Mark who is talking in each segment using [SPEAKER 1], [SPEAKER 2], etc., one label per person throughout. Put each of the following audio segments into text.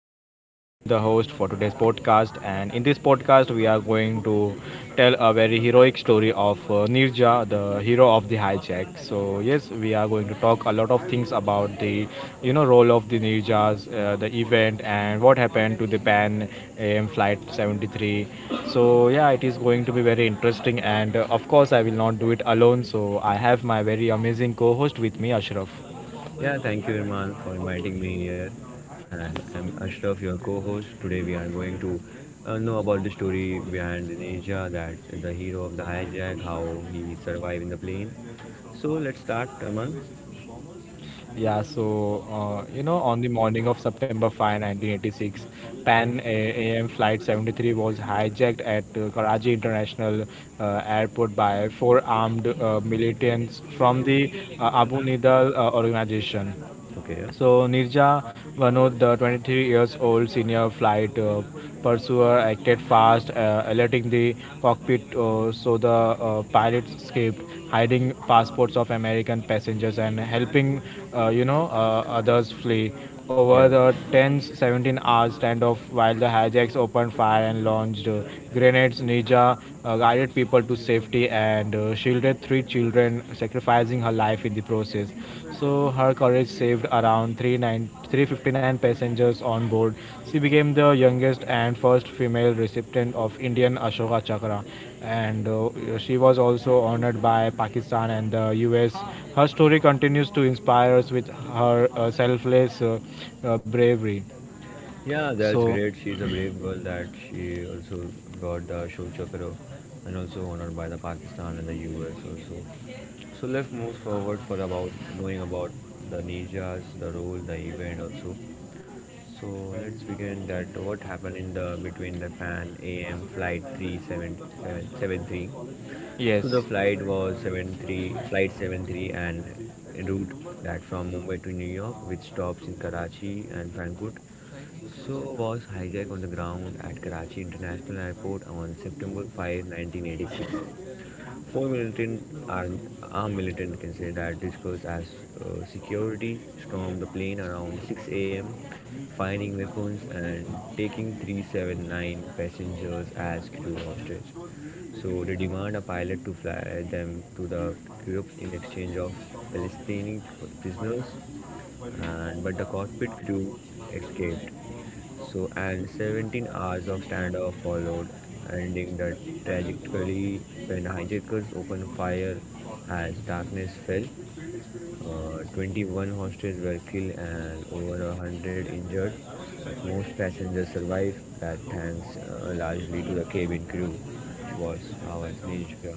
[SPEAKER 1] And I am the host for today's podcast, and in this podcast we are going to tell a very heroic story of Nirja, the hero of the hijack. So yes, we are going to talk a lot of things about the role of the Nirjas, the event and what happened to the Pan AM flight 73. So yeah, it is going to be very interesting, and of course I will not do it alone. So I have my very amazing co-host with me, Ashraf.
[SPEAKER 2] Yeah, thank you, Irman, for inviting me here. And I'm Ashraf, your co-host. Today we are going to know about the story behind Indonesia, that the hero of the hijack, how he survived in the plane. So let's start, Irman.
[SPEAKER 1] Yeah, so on the morning of September 5, 1986, Pan A- AM Flight 73 was hijacked at Karachi International Airport by four armed militants from the Abu Nidal organization.
[SPEAKER 2] Okay.
[SPEAKER 1] So Nirja, one of the 23 years old senior flight pursuer, acted fast, alerting the cockpit, so the pilot escaped, hiding passports of American passengers and helping, others flee
[SPEAKER 2] Yeah.
[SPEAKER 1] over the
[SPEAKER 2] Yeah,
[SPEAKER 1] 10-17 hour standoff. While the hijacks opened fire and launched grenades, ninja guided people to safety and shielded three children, sacrificing her life in the process. So her courage saved around 39 359 passengers on board. She became the youngest and first female recipient of Indian Ashoka Chakra, and she was also honored by Pakistan and the US. Her story continues to inspire us with her uh, selfless bravery.
[SPEAKER 2] yeah, that's
[SPEAKER 1] So,
[SPEAKER 2] great. She's a brave girl that she also got the Ashok Chakra and also honored by the Pakistan and the US also. So let's move forward for about knowing about the ninjas, the role, the event also. So let's begin that what happened in the between the Pan AM flight 3773. So
[SPEAKER 1] yes,
[SPEAKER 2] the flight was 73, flight 73 and route that from Mumbai to New York, which stops in Karachi and Frankfurt. So was hijacked on the ground at Karachi International Airport on September 5, 1986. Four militant armed, armed militant, you can say, that discussed as security stormed the plane around 6 a.m., finding weapons and taking 379 passengers as crew hostage. So they demand a pilot to fly them to the Kurupes in exchange of Palestinian prisoners, and but the cockpit crew escaped. So and 17 hours of standoff followed, ending the tragically when hijackers opened fire as darkness fell. 21 hostages were killed and over 100 injured, but most passengers survived. That thanks largely to the cabin crew, which was our ninja.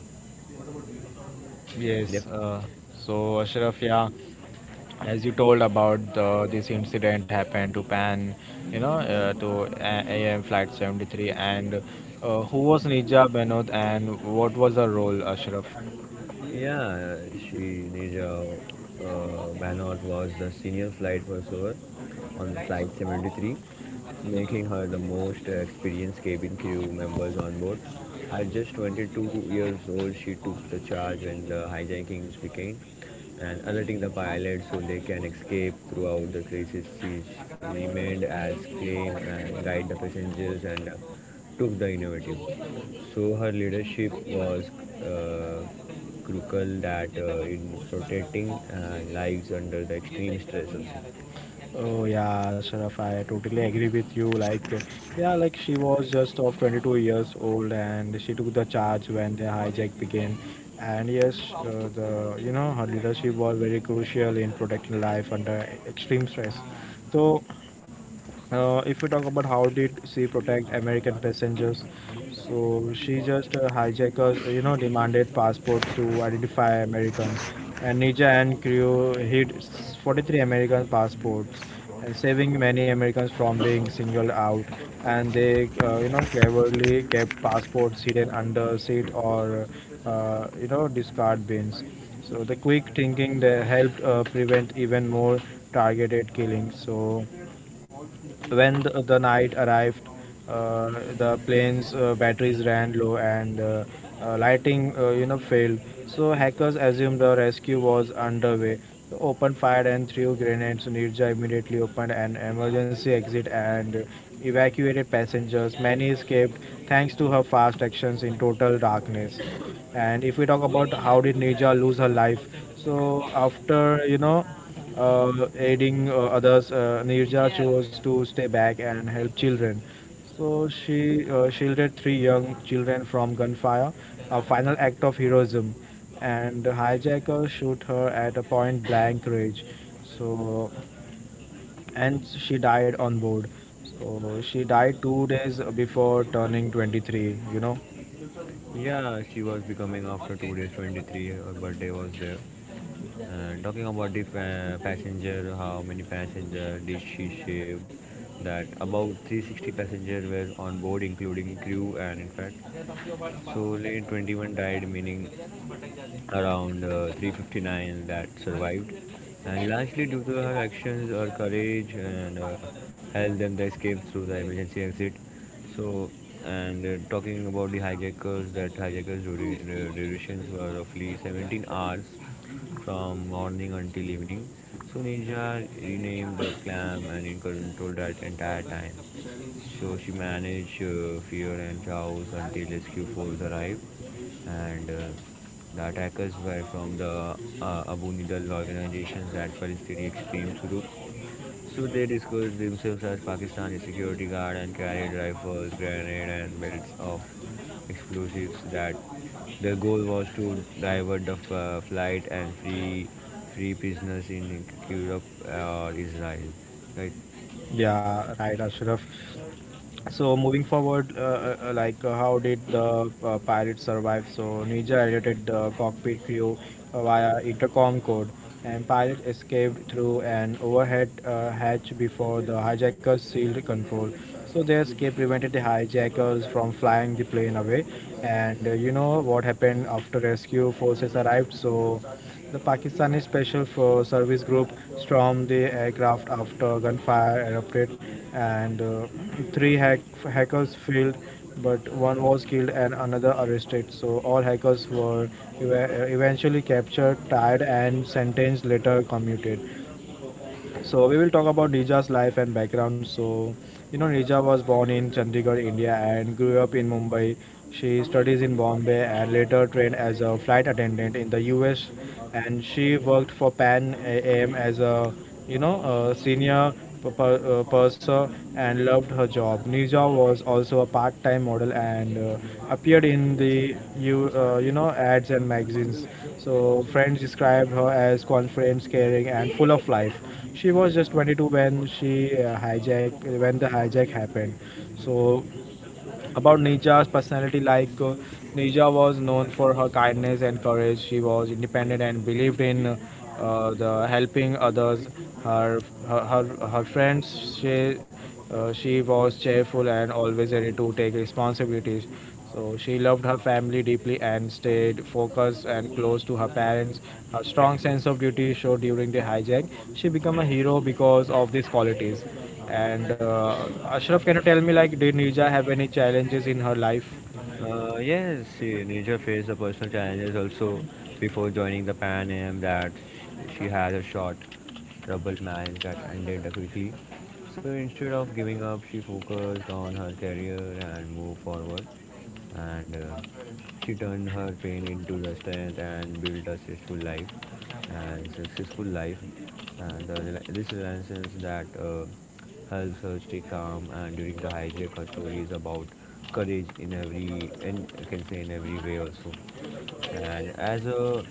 [SPEAKER 2] They
[SPEAKER 1] yes. So, Ashraf, yeah, as you told about this incident happened to Pan, you know, to A- AM Flight 73. And who was Nija Benod, and what was her role, Ashraf?
[SPEAKER 2] Yeah, she Nija Banot was the senior flight pursuer on flight 73, making her the most experienced cabin crew members on board. At just 22 years old, she took the charge when the hijackings began and alerting the pilots so they can escape throughout the crisis. She remained as calm and guide the passengers and took the initiative. So her leadership was uh, crucial that in protecting lives under the extreme stress also.
[SPEAKER 1] Oh yeah, Sharaf, I totally agree with you. Like, yeah, like she was just of 22 years old, and she took the charge when the hijack began. And yes, the her leadership was very crucial in protecting life under extreme stress. So if we talk about how did she protect American passengers, so she just hijackers, you know, demanded passports to identify Americans, and Nija and crew 43 American passports, and saving many Americans from being singled out. And they, cleverly kept passports hidden under seat, or discard bins. So the quick thinking they helped prevent even more targeted killings. So. When the night arrived, uh, the plane's batteries ran low, and lighting, failed. So hackers assumed the rescue was underway. So opened fire and threw grenades. Nirja immediately opened an emergency exit and evacuated passengers. Many escaped thanks to her fast actions in total darkness. And if we talk about how did Nirja lose her life, so after aiding others. Nirja chose to stay back and help children. So she shielded three young children from gunfire, a final act of heroism. And the hijacker shoot her at a point blank range. So, and she died on board. So she died 2 days before turning 23. You know.
[SPEAKER 2] Yeah, she was becoming after 2 days, 23, her birthday was there. And talking about the passenger, how many passenger did she save? That about 360 passenger were on board, including crew and in fact. So late 21 died, meaning around 359 that survived, and largely due to her actions, her courage, and helped them to escape through the emergency exit. So, and talking about the hijackers, that hijackers' durations were roughly 17 hours from morning until evening. So, Ninja renamed the Clam and in control that entire time. So she managed fear and chaos until rescue force arrived, and the attackers were from the Abu Nidal organizations that Palestinian extremist group. So they disguised themselves as Pakistani security guard and carried rifles, grenade, and belts of explosives. That their goal was to divert the flight and free prisoners in Europe or Israel, right?
[SPEAKER 1] Yeah, right, Ashraf. So moving forward, like how did the pirates survive? So Ninja alerted the cockpit crew via intercom code, and pilot escaped through an overhead hatch before the hijackers sealed control. So their escape prevented the hijackers from flying the plane away. And you know what happened after rescue forces arrived? So. The Pakistani Service Group stormed the aircraft after gunfire erupted, and three hack- hackers failed, but one was killed and another arrested. So all hackers were eventually captured, tied, and sentenced later commuted. So we will talk about Nija's life and background. So, you know, Nija was born in Chandigarh, India, and grew up in Mumbai. She studies in Bombay and later trained as a flight attendant in the U.S. And she worked for Pan AM as a, you know, a senior purser, and loved her job. Nija was also a part-time model and appeared in the ads and magazines. So friends described her as confident, caring, and full of life. She was just 22 when she hijack when the hijack happened. So about Nija's personality, like Nija was known for her kindness and courage. She was independent and believed in the helping others. Her her her, her friends she She was cheerful and always ready to take responsibilities. So she loved her family deeply and stayed focused and close to her parents. Her strong sense of duty showed during the hijack. She became a hero because of these qualities. And Ashraf, can you tell me, like, did Nirja have any challenges in her life?
[SPEAKER 2] Yes, see, Ninja faced the personal challenges also before joining the Pan Am that she had a short troubled marriage that ended quickly. So instead of giving up, she focused on her career and moved forward and she turned her pain into the strength and built a stressful life and successful life and this renaissance that helps her stay calm and during the hijack her story is about courage in every and I can say in every way also and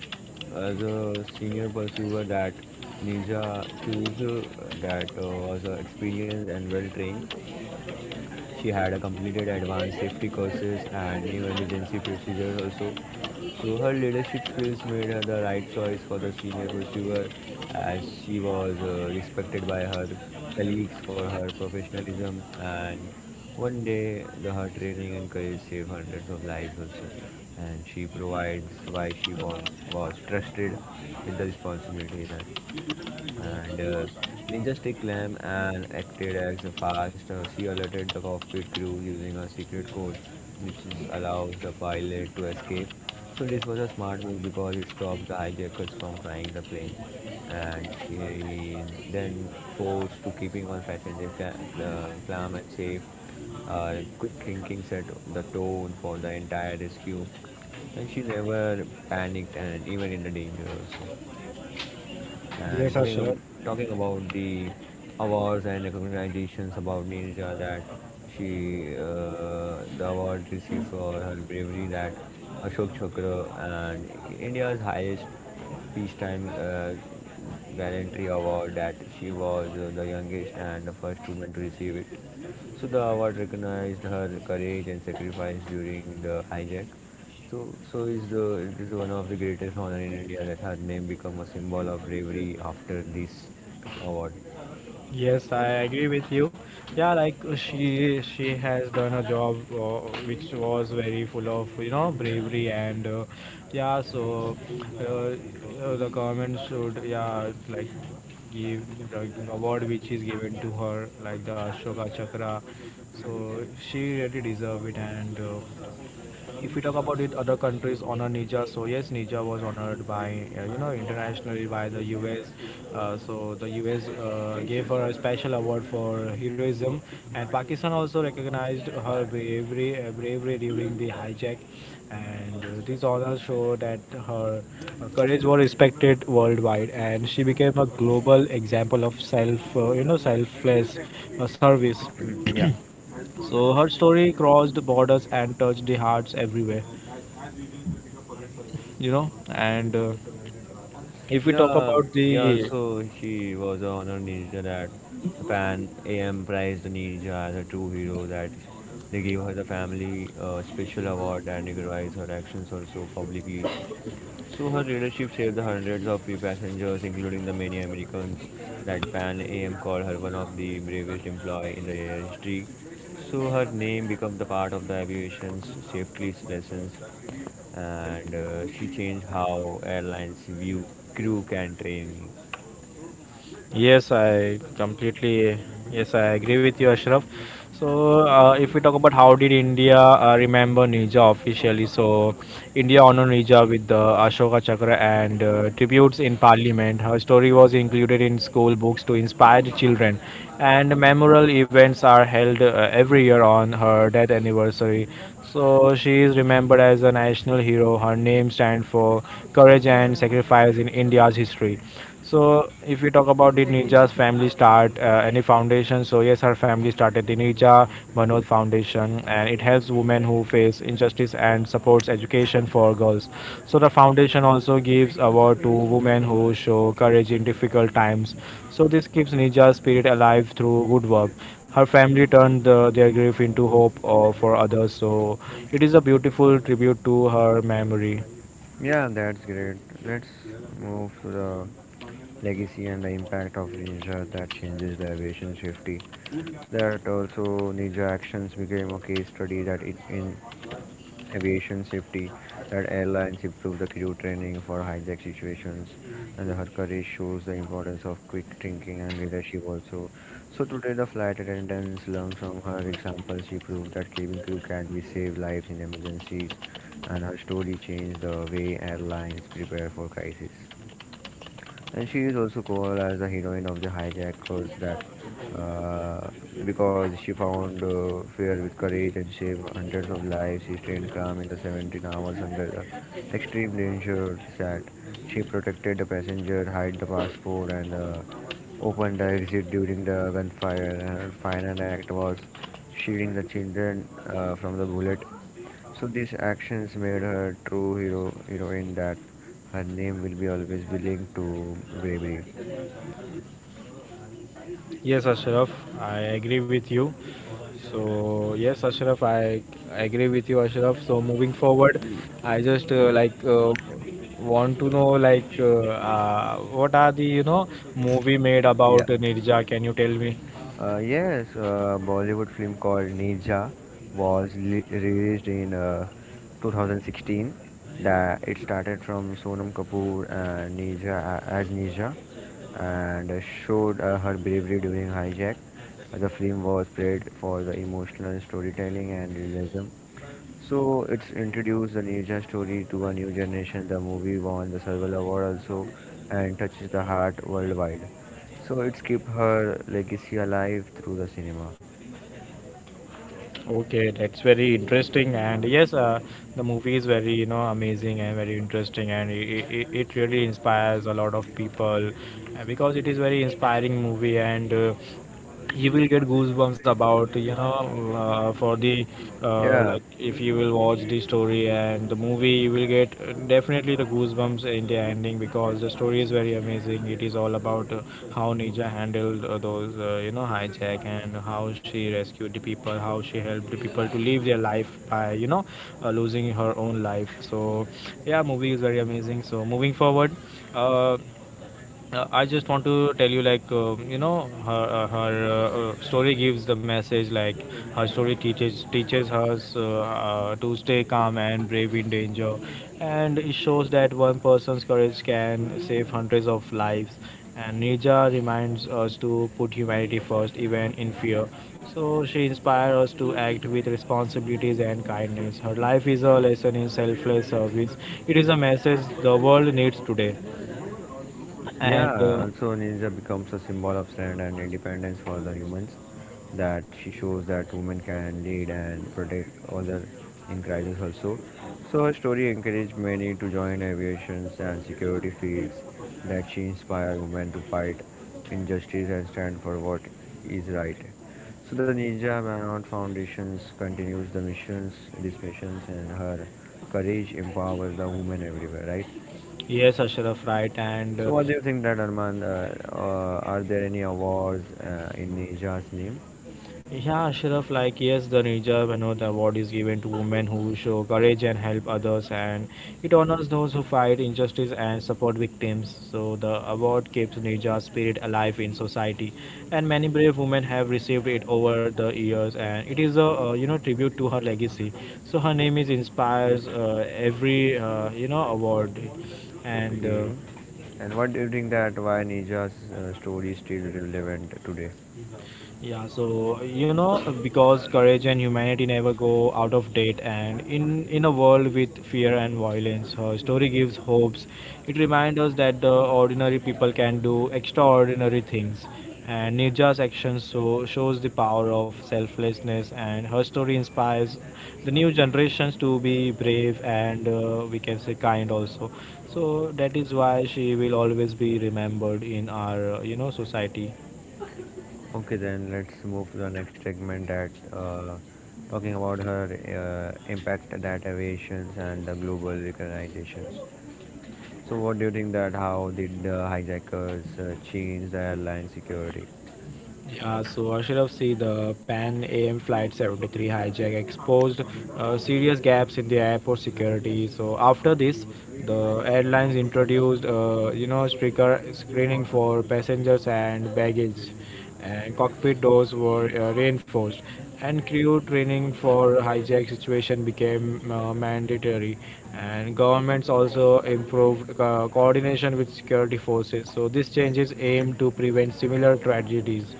[SPEAKER 2] as a senior pursuer that ninja choose that was experienced and well trained. She had a completed advanced safety courses and new emergency procedures also. So her leadership skills made her the right choice for the senior pursuer as she was respected by her colleagues for her professionalism and one day the her training and courage saved hundreds of lives also and she provides why she won, was trusted with the responsibilities and Ninja Stick Clam and acted as a fast. She alerted the cockpit crew using a secret code, which is, allows the pilot to escape. So this was a smart move because it stops the hijackers from flying the plane, and she then forced to keeping on passenger clam and safe. Quick thinking set the tone for the entire rescue, and she never panicked and even in the danger also
[SPEAKER 1] Yes,
[SPEAKER 2] and
[SPEAKER 1] Ashraf.
[SPEAKER 2] talking about the awards and recognitions about Ninja that she the award received for her bravery that Ashok Chakra and India's highest peacetime gallantry award that she was the youngest and the first woman to receive it. So the award recognized her courage and sacrifice during the hijack so, so is the it is one of the greatest honor in India that her name become a symbol of bravery after this award.
[SPEAKER 1] Yes, I agree with you. Yeah, like she has done a job which was very full of bravery, and yeah. So the government should, yeah, like give, like, the award which is given to her, like the Ashoka Chakra. So she really deserve it and. If we talk about with other countries honor Nija, so yes, Nija was honored by internationally by the U.S. So the U.S. Gave her a special award for heroism, and Pakistan also recognized her bravery, during the hijack. And these honors show that her courage was respected worldwide, and she became a global example of selfless service.
[SPEAKER 2] yeah,
[SPEAKER 1] So her story crossed borders and touched the hearts everywhere, you know. And if we talk
[SPEAKER 2] yeah,
[SPEAKER 1] about
[SPEAKER 2] yeah.
[SPEAKER 1] the
[SPEAKER 2] So she was a honor ninja that the Pan AM prized the ninja as a true hero. That they gave her the family special award and recognize her actions also publicly. So her leadership saved the hundreds of passengers, including the many Americans that Pan AM called her one of the bravest employee in the air history. So her name became the part of the aviation's safety lessons, and she changed how airlines view crew can train.
[SPEAKER 1] Yes, I completely, yes, I agree with you, Ashraf. So, if we talk about how did India remember Nija officially, so India honored Nija with the Ashoka Chakra and tributes in Parliament. Her story was included in school books to inspire the children, and memorial events are held every year on her death anniversary. So she is remembered as a national hero. Her name stands for courage and sacrifice in India's history. So if we talk about did Ninja's family start any foundation? So yes, her family started the Ninja Manoj Foundation, and it helps women who face injustice and supports education for girls. So the foundation also gives award to women who show courage in difficult times. So this keeps Ninja's spirit alive through good work. Her family turned their grief into hope for others, so it is a beautiful tribute to her memory.
[SPEAKER 2] Yeah, that's great. Let's move to the legacy and the impact of Ninja that changes the aviation safety. That also Ninja actions became a case study that it in aviation safety that airlines improve the crew training for hijack situations and the Harkar shows the importance of quick thinking and leadership also. So today the flight attendants learned from her examples. She proved that cabin crew can be save lives in emergencies and her story changed the way airlines prepare for crisis and she is also called as the heroine of the hijackers that uh, because she found fear with courage and saved hundreds of lives. She stayed calm in the 17 hours under the extreme danger that she protected the passenger, hid the passport, and opened the exit during the gunfire. And her final act was shielding the children from the bullet so these actions made her true heroine that her name will be always be linked to bravery.
[SPEAKER 1] Yes, Ashraf, I agree with you. So yes, Ashraf, I agree with you, Ashraf. So moving forward, I just want to know, like what are the movie made
[SPEAKER 2] Yeah.
[SPEAKER 1] about Nirja? Can you tell me?
[SPEAKER 2] Yes, Bollywood film called Nirja was released in 2016. That it started from Sonam Kapoor and Nirja as Nirja, and showed her bravery during hijack. The film was praised for the emotional storytelling and realism. So it's introduced the Ninja story to a new generation. The movie won the Silver Award also and touches the heart worldwide. So it's keep her legacy alive through the cinema.
[SPEAKER 1] Okay, that's very interesting, and yes, the movie is very amazing and very interesting, and it really inspires a lot of people because it is very inspiring movie, and you will get goosebumps about for the
[SPEAKER 2] Yeah,
[SPEAKER 1] like if you will watch the story and the movie, you will get definitely the goosebumps in the ending because the story is very amazing. It is all about how Nija handled hijack, and how she rescued the people, how she helped the people to live their life by, losing her own life. So, yeah, movie is very amazing. So, moving forward, uh, I just want to tell you, like, her, story gives the message, like, her story teaches us to stay calm and brave in danger, and it shows that one person's courage can save hundreds of lives. And Nija reminds us to put humanity first, even in fear. So she inspires us to act with responsibilities and kindness. Her life is a lesson in selfless service. It is a message the world needs today, and.
[SPEAKER 2] Yeah, also Ninja becomes a symbol of strength and independence for the humans. That she shows that women can lead and protect other in crisis also. So her story encouraged many to join aviations and security fields. That she inspired women to fight injustice and stand for what is right. So the Ninja Burnout Foundations continues the missions, these missions, and her courage empowers the women everywhere, right?
[SPEAKER 1] Yes, Ashraf, right. And
[SPEAKER 2] So, what do you think that Arman? Are there any awards in Nija's name?
[SPEAKER 1] yeah, Ashraf, like, yes, the Nijab, you know, the award is given to women who show courage and help others, and it honors those who fight injustice and support victims. So the award keeps Nijab's spirit alive in society, and many brave women have received it over the years, and it is a, tribute to her legacy. So her name is inspires every award. And
[SPEAKER 2] Okay. And what do you think that why Nija's story is still relevant today?
[SPEAKER 1] Yeah, so you know, because courage and humanity never go out of date, and in a world with fear and violence, her story gives hopes. It reminds us that the ordinary people can do extraordinary things, and Nirja's actions so shows the power of selflessness, and her story inspires the new generations to be brave and, we can say, kind also. So that is why she will always be remembered in our society.
[SPEAKER 2] Okay, then let's move to the next segment that talking about her impact that aviations and the global recognitions. So, what do you think that how did the hijackers change the airline security?
[SPEAKER 1] Yeah, so Ashraf, see the Pan AM Flight 73 hijack exposed serious gaps in the airport security. So after this, the airlines introduced, stricter screening for passengers and baggage, and cockpit doors were reinforced, and crew training for hijack situation became mandatory, and governments also improved coordination with security forces. So these changes aim to prevent similar tragedies,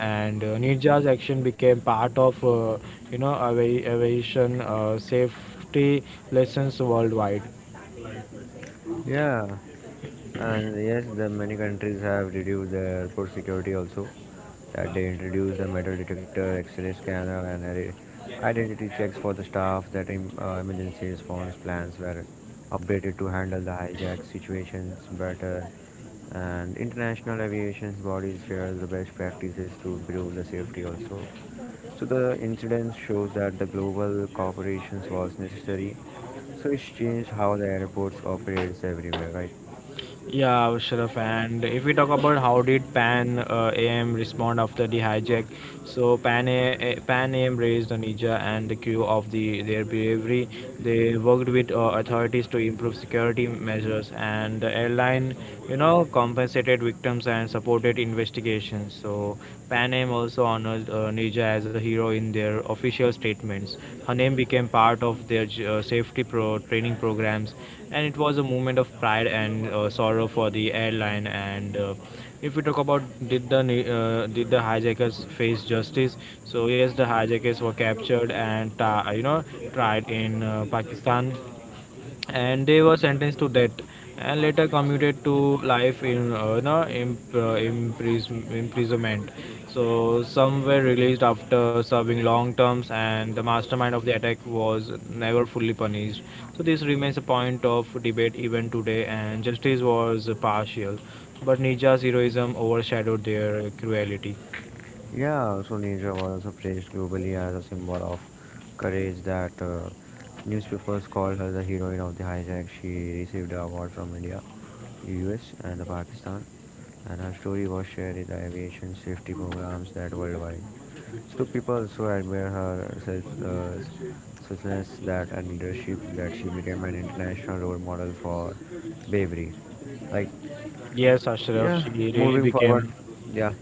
[SPEAKER 1] and ninja's action became part of aviation safety lessons worldwide.
[SPEAKER 2] Yeah, and yes, the many countries have reduced their airport security also. That they introduced the metal detector, X-ray scanner, and identity checks for the staff. That emergency response plans were updated to handle the hijack situations better. And international aviation bodies share the best practices to improve the safety also. So the incident shows that the global cooperation was necessary. So it's changed how the airports operates everywhere, right?
[SPEAKER 1] Yeah, Sharaf. And if we talk about how did Pan AM respond after the hijack, so Pan AM raised the Ninja and the crew of the their bravery. They worked with authorities to improve security measures, and the airline, you know, compensated victims and supported investigations. So Pan AM also honored Ninja as a hero in their official statements. Her name became part of their safety pro training programs, and it was a moment of pride and sorrow for the airline. And if we talk about did the hijackers face justice? So yes, the hijackers were captured and tried in Pakistan, and they were sentenced to death and later commuted to life in no, imp- impris- imprisonment. So some were released after serving long terms, and the mastermind of the attack was never fully punished. So this remains a point of debate even today, and justice was partial, but Nija's heroism overshadowed their cruelty.
[SPEAKER 2] Yeah, also Ninja was praised globally as a symbol of courage that newspapers called her the heroine of the hijack. She received the award from India, the US, and the Pakistan, and her story was shared in the aviation safety programs that worldwide. So people also admire her self, selflessness that and leadership that she became an international role model for bravery. Like,
[SPEAKER 1] Yes, Ashraf,
[SPEAKER 2] yeah,
[SPEAKER 1] she really
[SPEAKER 2] moving forward,
[SPEAKER 1] became.
[SPEAKER 2] yeah.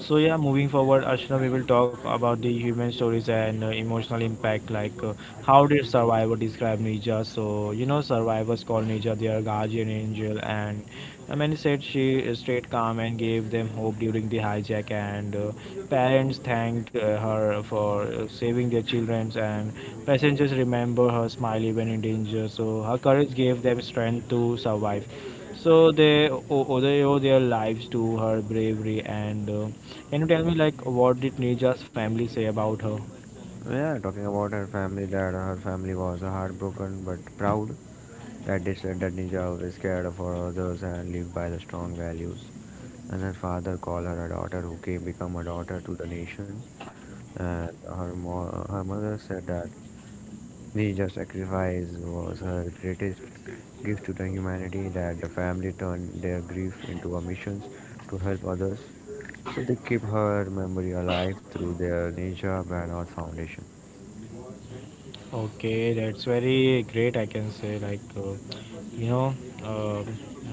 [SPEAKER 1] So yeah, moving forward, Ashna, we will talk about the human stories and emotional impact. Like, how did Survivor describe Nija? So you know, survivors call Nija their guardian angel, and I mean, he said she stayed calm and gave them hope during the hijack. And parents thanked her for saving their children, and passengers remember her smile even in danger. So her courage gave them strength to survive. So they owe their lives to her bravery. And can you tell me like what did Nija's family say about her?
[SPEAKER 2] Well, yeah, talking about her family, that her family was heartbroken but proud that they said that Ninja always cared for others and lived by the strong values. And her father called her a daughter who came become a daughter to the nations and her mother said that Ninja sacrifice was her greatest gift to the humanity that the family turned their grief into a mission to help others. So they keep her memory alive through their Ninja Banner Foundation.
[SPEAKER 1] Okay, that's very great. I can say like you know uh,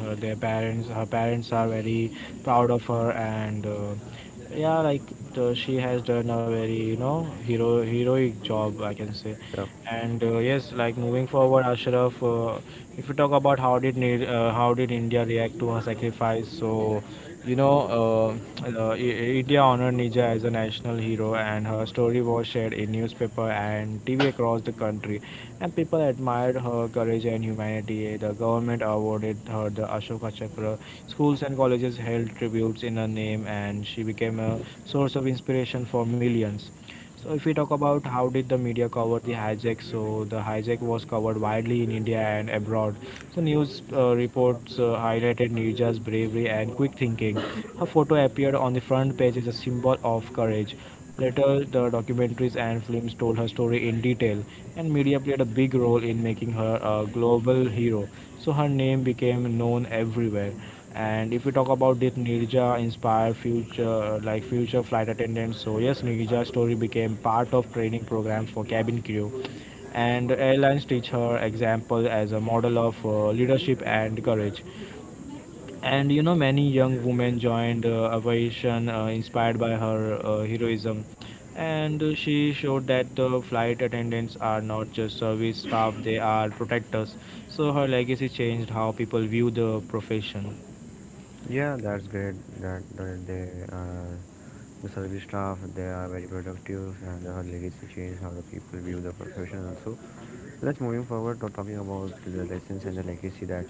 [SPEAKER 1] her, their parents. Her parents are very proud of her, and yeah, like she has done a very you know heroic job, I can say.
[SPEAKER 2] Yep.
[SPEAKER 1] And yes, like moving forward, Ashraf, if we talk about how did India react to her sacrifice? So, you know, uh, uh, I- India honored Nija as a national hero, and her story was shared in newspaper and TV across the country, and people admired her courage and humanity. The government awarded her the Ashoka Chakra. Schools and colleges held tributes in her name, and she became a source of inspiration for millions. So if we talk about how did the media cover the hijack, so the hijack was covered widely in India and abroad. So news reports highlighted Nirja's bravery and quick thinking. Her photo appeared on the front page as a symbol of courage. Later, the documentaries and films told her story in detail, and media played a big role in making her a global hero. So her name became known everywhere. And if we talk about this Nirja inspired future like future flight attendants, so yes, Nirja's story became part of training programs for cabin crew, and airlines teach her example as a model of leadership and courage. And you know, many young women joined aviation inspired by her heroism, and she showed that the flight attendants are not just service staff; they are protectors. So her legacy changed how people view the profession.
[SPEAKER 2] Yeah, that's great that, that they, the service staff, they are very productive and her legacy changed how the people view the profession also. Let's moving forward to talking about the lessons and the legacy that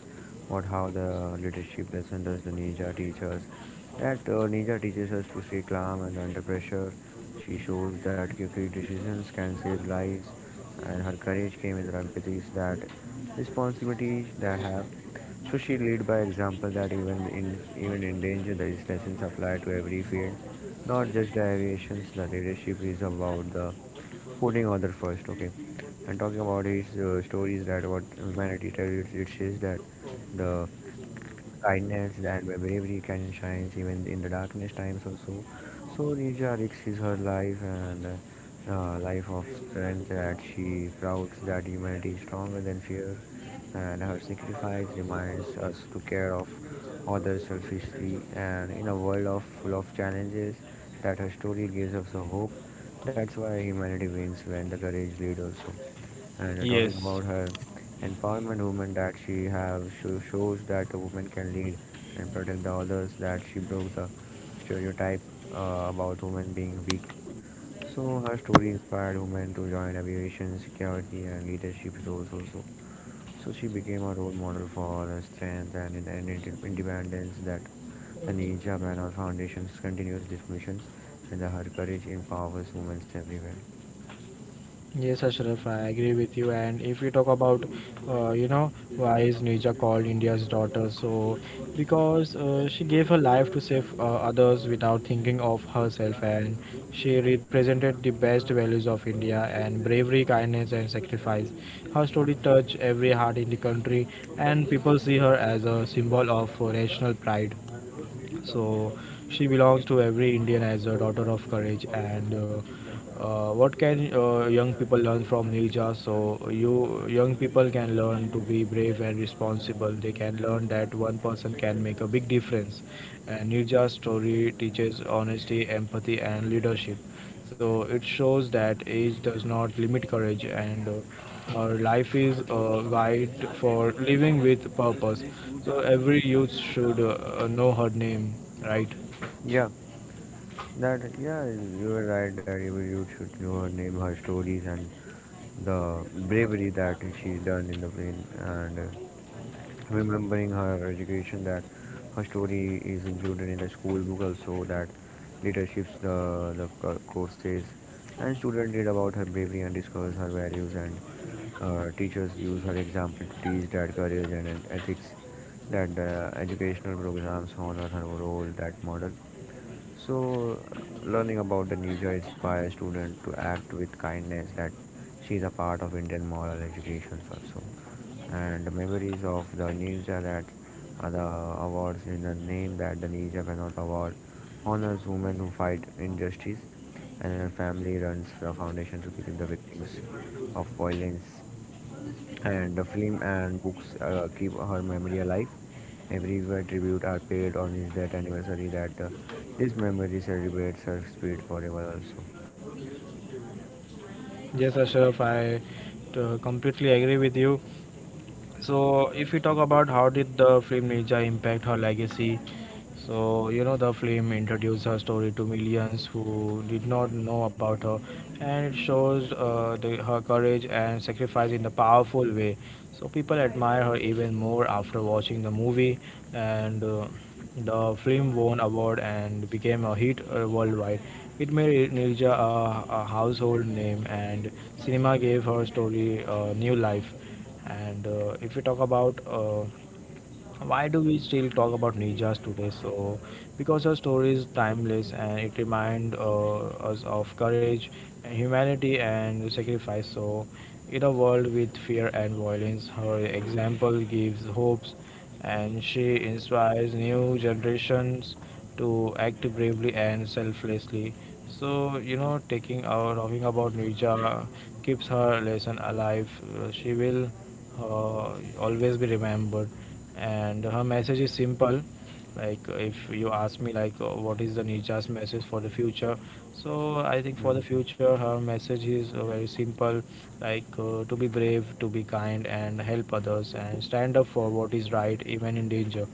[SPEAKER 2] what how the leadership lesson does the ninja teaches. That ninja teaches us to stay calm and under pressure. She shows that quick decisions can save lives, and her courage came with her empathy. That responsibilities that have. So she lead by example that even in even in danger, these lessons apply to every field, not just the aviations. The leadership is about the putting other first, okay, and talking about his stories that what humanity tells it says that the kindness and bravery can shine even in the darkness times also. So Rija risks her life and life of strength that she doubts that humanity is stronger than fear, and her sacrifice reminds us to care of others selfishly, and in a world of full of challenges that her story gives us a hope, that's why humanity wins when the courage leads also. And talking
[SPEAKER 1] Yes.
[SPEAKER 2] about her empowerment woman, that she have shows that a woman can lead and protect the others, that she broke the stereotype about women being weak. So her story inspired women to join aviation security and leadership roles also. So she became a role model for the strength and, independence, that the Ninja Banner Foundation continues these missions and her courage empowers women everywhere.
[SPEAKER 1] Yes, Ashraf, I agree with you. And if we talk about, uh, you know, why is Nija called India's daughter? So, because she gave her life to save others without thinking of herself, and she represented the best values of India and bravery, kindness, and sacrifice. Her story touched every heart in the country, and people see her as a symbol of national pride. So she belongs to every Indian as a daughter of courage. And what can young people learn from Nilja? So you young people can learn to be brave and responsible. They can learn that one person can make a big difference. And Nilja's story teaches honesty, empathy, and leadership. So it shows that age does not limit courage, and our life is a guide for living with purpose. So every youth should know her name, right?
[SPEAKER 2] Yeah. That yeah, you were right that you should know her name, her stories, and the bravery that she done in the plane, and remembering her education, that her story is included in the school book also, that leaderships the courses, and student read about her bravery and discuss her values, and teachers use her example to teach that courage and ethics, that the educational programs honor her role, that model. So, learning about the nature inspires students to act with kindness. That she is a part of Indian moral education also. And the memories of the ninja, that are the awards in the name, that the ninja cannot award honors women who fight injustice, and her family runs a foundation to keep the victims of violence. And the film and books keep her memory alive. Every year, tribute are paid on his death anniversary that this memory celebrates her spirit forever also.
[SPEAKER 1] Yes, Ashraf, I completely agree with you. So, if we talk about how did the film Ninja impact her legacy, so you know the film introduced her story to millions who did not know about her, and it shows her courage and sacrifice in a powerful way. So people admire her even more after watching the movie, and the film won award and became a hit worldwide. It made Nilja a household name, and cinema gave her story a new life. And if we talk about Why do we still talk about ninjas today? So, because her story is timeless and it reminds us of courage and humanity and sacrifice. So, in a world with fear and violence, her example gives hopes, and she inspires new generations to act bravely and selflessly. So you know, taking our talking about Nija keeps her lesson alive. She will uh, always be remembered, and her message is simple. Like if you ask me like what is the Nija's message for the future, so I think for the
[SPEAKER 2] Mm.
[SPEAKER 1] future her message is very simple, like to be brave, to be kind, and help others, and stand up for what is right even in danger,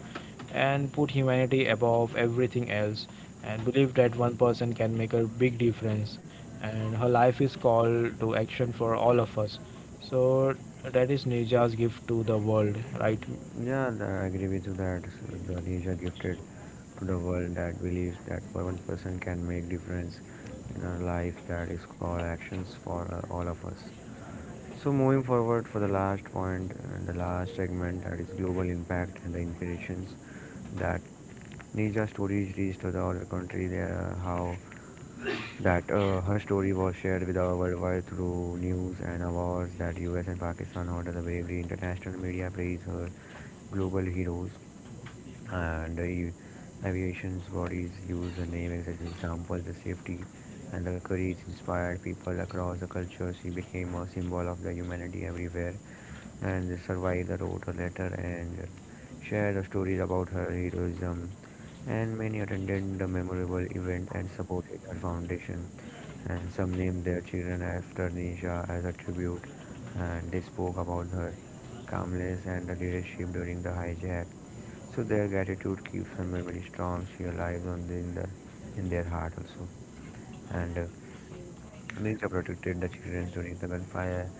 [SPEAKER 1] and put humanity above everything else, and believe that one person can make a big difference. And her life is called to action for all of us. So that is Nija's gift to the world, right?
[SPEAKER 2] Yeah, I agree with you that the nature gifted to the world, that believes that one person can make difference in our life, that is called actions for all of us. So moving forward for the last point and the last segment, that is global impact and the inspirations, that Nija stories reached to the other country, there how that her story was shared with our worldwide through news and awards, that US and Pakistan honor the bravery, international media praise her global heroes, and the aviation's bodies use her name as an example the safety, and the courage inspired people across the culture. She became a symbol of the humanity everywhere, and Survivor wrote a letter and shared stories about her heroism, and many attended the memorable event and supported her foundation, and some named their children after Nisha as a tribute, and they spoke about her calmness and the leadership during the hijack. So their gratitude keeps her memory strong, she alive on in their heart also. And Nisha protected the children during the gunfire.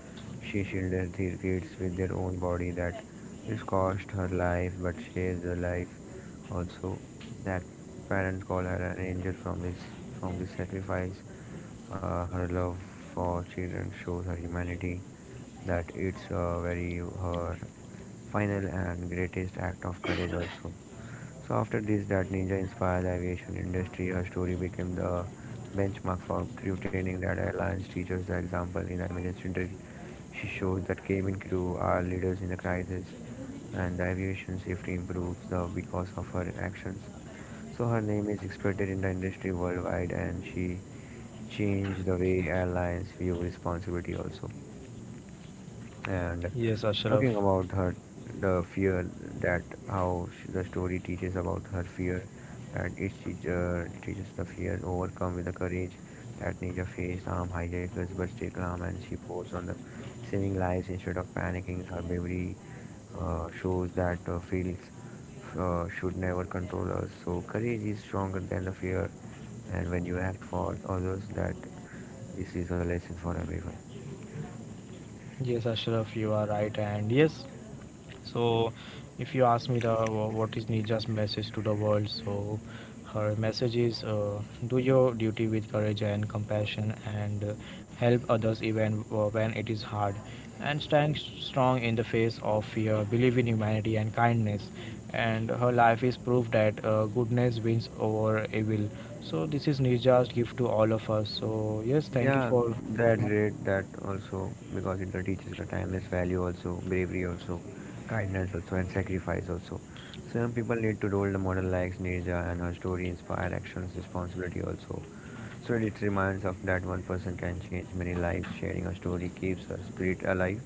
[SPEAKER 2] She shielded the kids with their own body. That this cost her life, but saved the life also. That parents call her an angel from this sacrifice. Her love for children shows her humanity. That it's very her final and greatest act of courage also. So after this, that ninja inspired the aviation industry. Her story became the benchmark for crew training, that airlines teaches the example in the emergency drill. She shows that cabin crew are leaders in the crisis, and the aviation safety improves the because of her actions. So her name is expected in the industry worldwide, and she changed the way airlines view responsibility also. And
[SPEAKER 1] Yes, Ashraf.
[SPEAKER 2] talking about her, the fear, that how sh the story teaches about her fear, that it teaches the fear overcome with the courage, that Ninja faced armed hijackers but stay calm and she pours on the saving lives instead of panicking. Her bravery shows that feelings should never control us. So courage is stronger than the fear, and when you act for others, that this is a lesson for everyone.
[SPEAKER 1] Yes, Ashraf, you are right, and yes, so, if you ask me what is Nija's message to the world, so her message is do your duty with courage and compassion, and help others even when it is hard, and stand strong in the face of fear, believe in humanity and kindness. And her life is proof that goodness wins over evil. So this is Nija's gift to all of us. So yes, thank you
[SPEAKER 2] Yeah,
[SPEAKER 1] for you
[SPEAKER 2] that
[SPEAKER 1] know.
[SPEAKER 2] rate that also, because it teaches the timeless value also, bravery also, kindness also, and sacrifice also. So young people need to role the model like Nirja, and her story inspire actions, responsibility also. So it reminds of that one person can change many lives. Sharing her story keeps her spirit alive,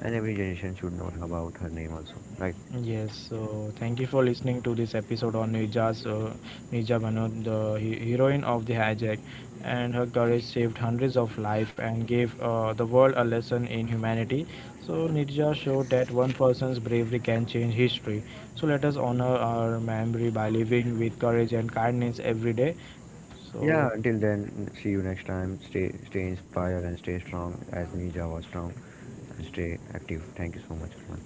[SPEAKER 2] and every generation should know about her name also, right?
[SPEAKER 1] Yes, so thank you for listening to this episode on Nija Bano, the heroine of the hijack, and her courage saved hundreds of lives and gave the world a lesson in humanity. So Nija showed that one person's bravery can change history. So let us honor our memory by living with courage and kindness every day.
[SPEAKER 2] Yeah.
[SPEAKER 1] So
[SPEAKER 2] Until then, see you next time. Stay inspired and stay strong as Nirja was strong, and stay active. Thank you so much, Arman.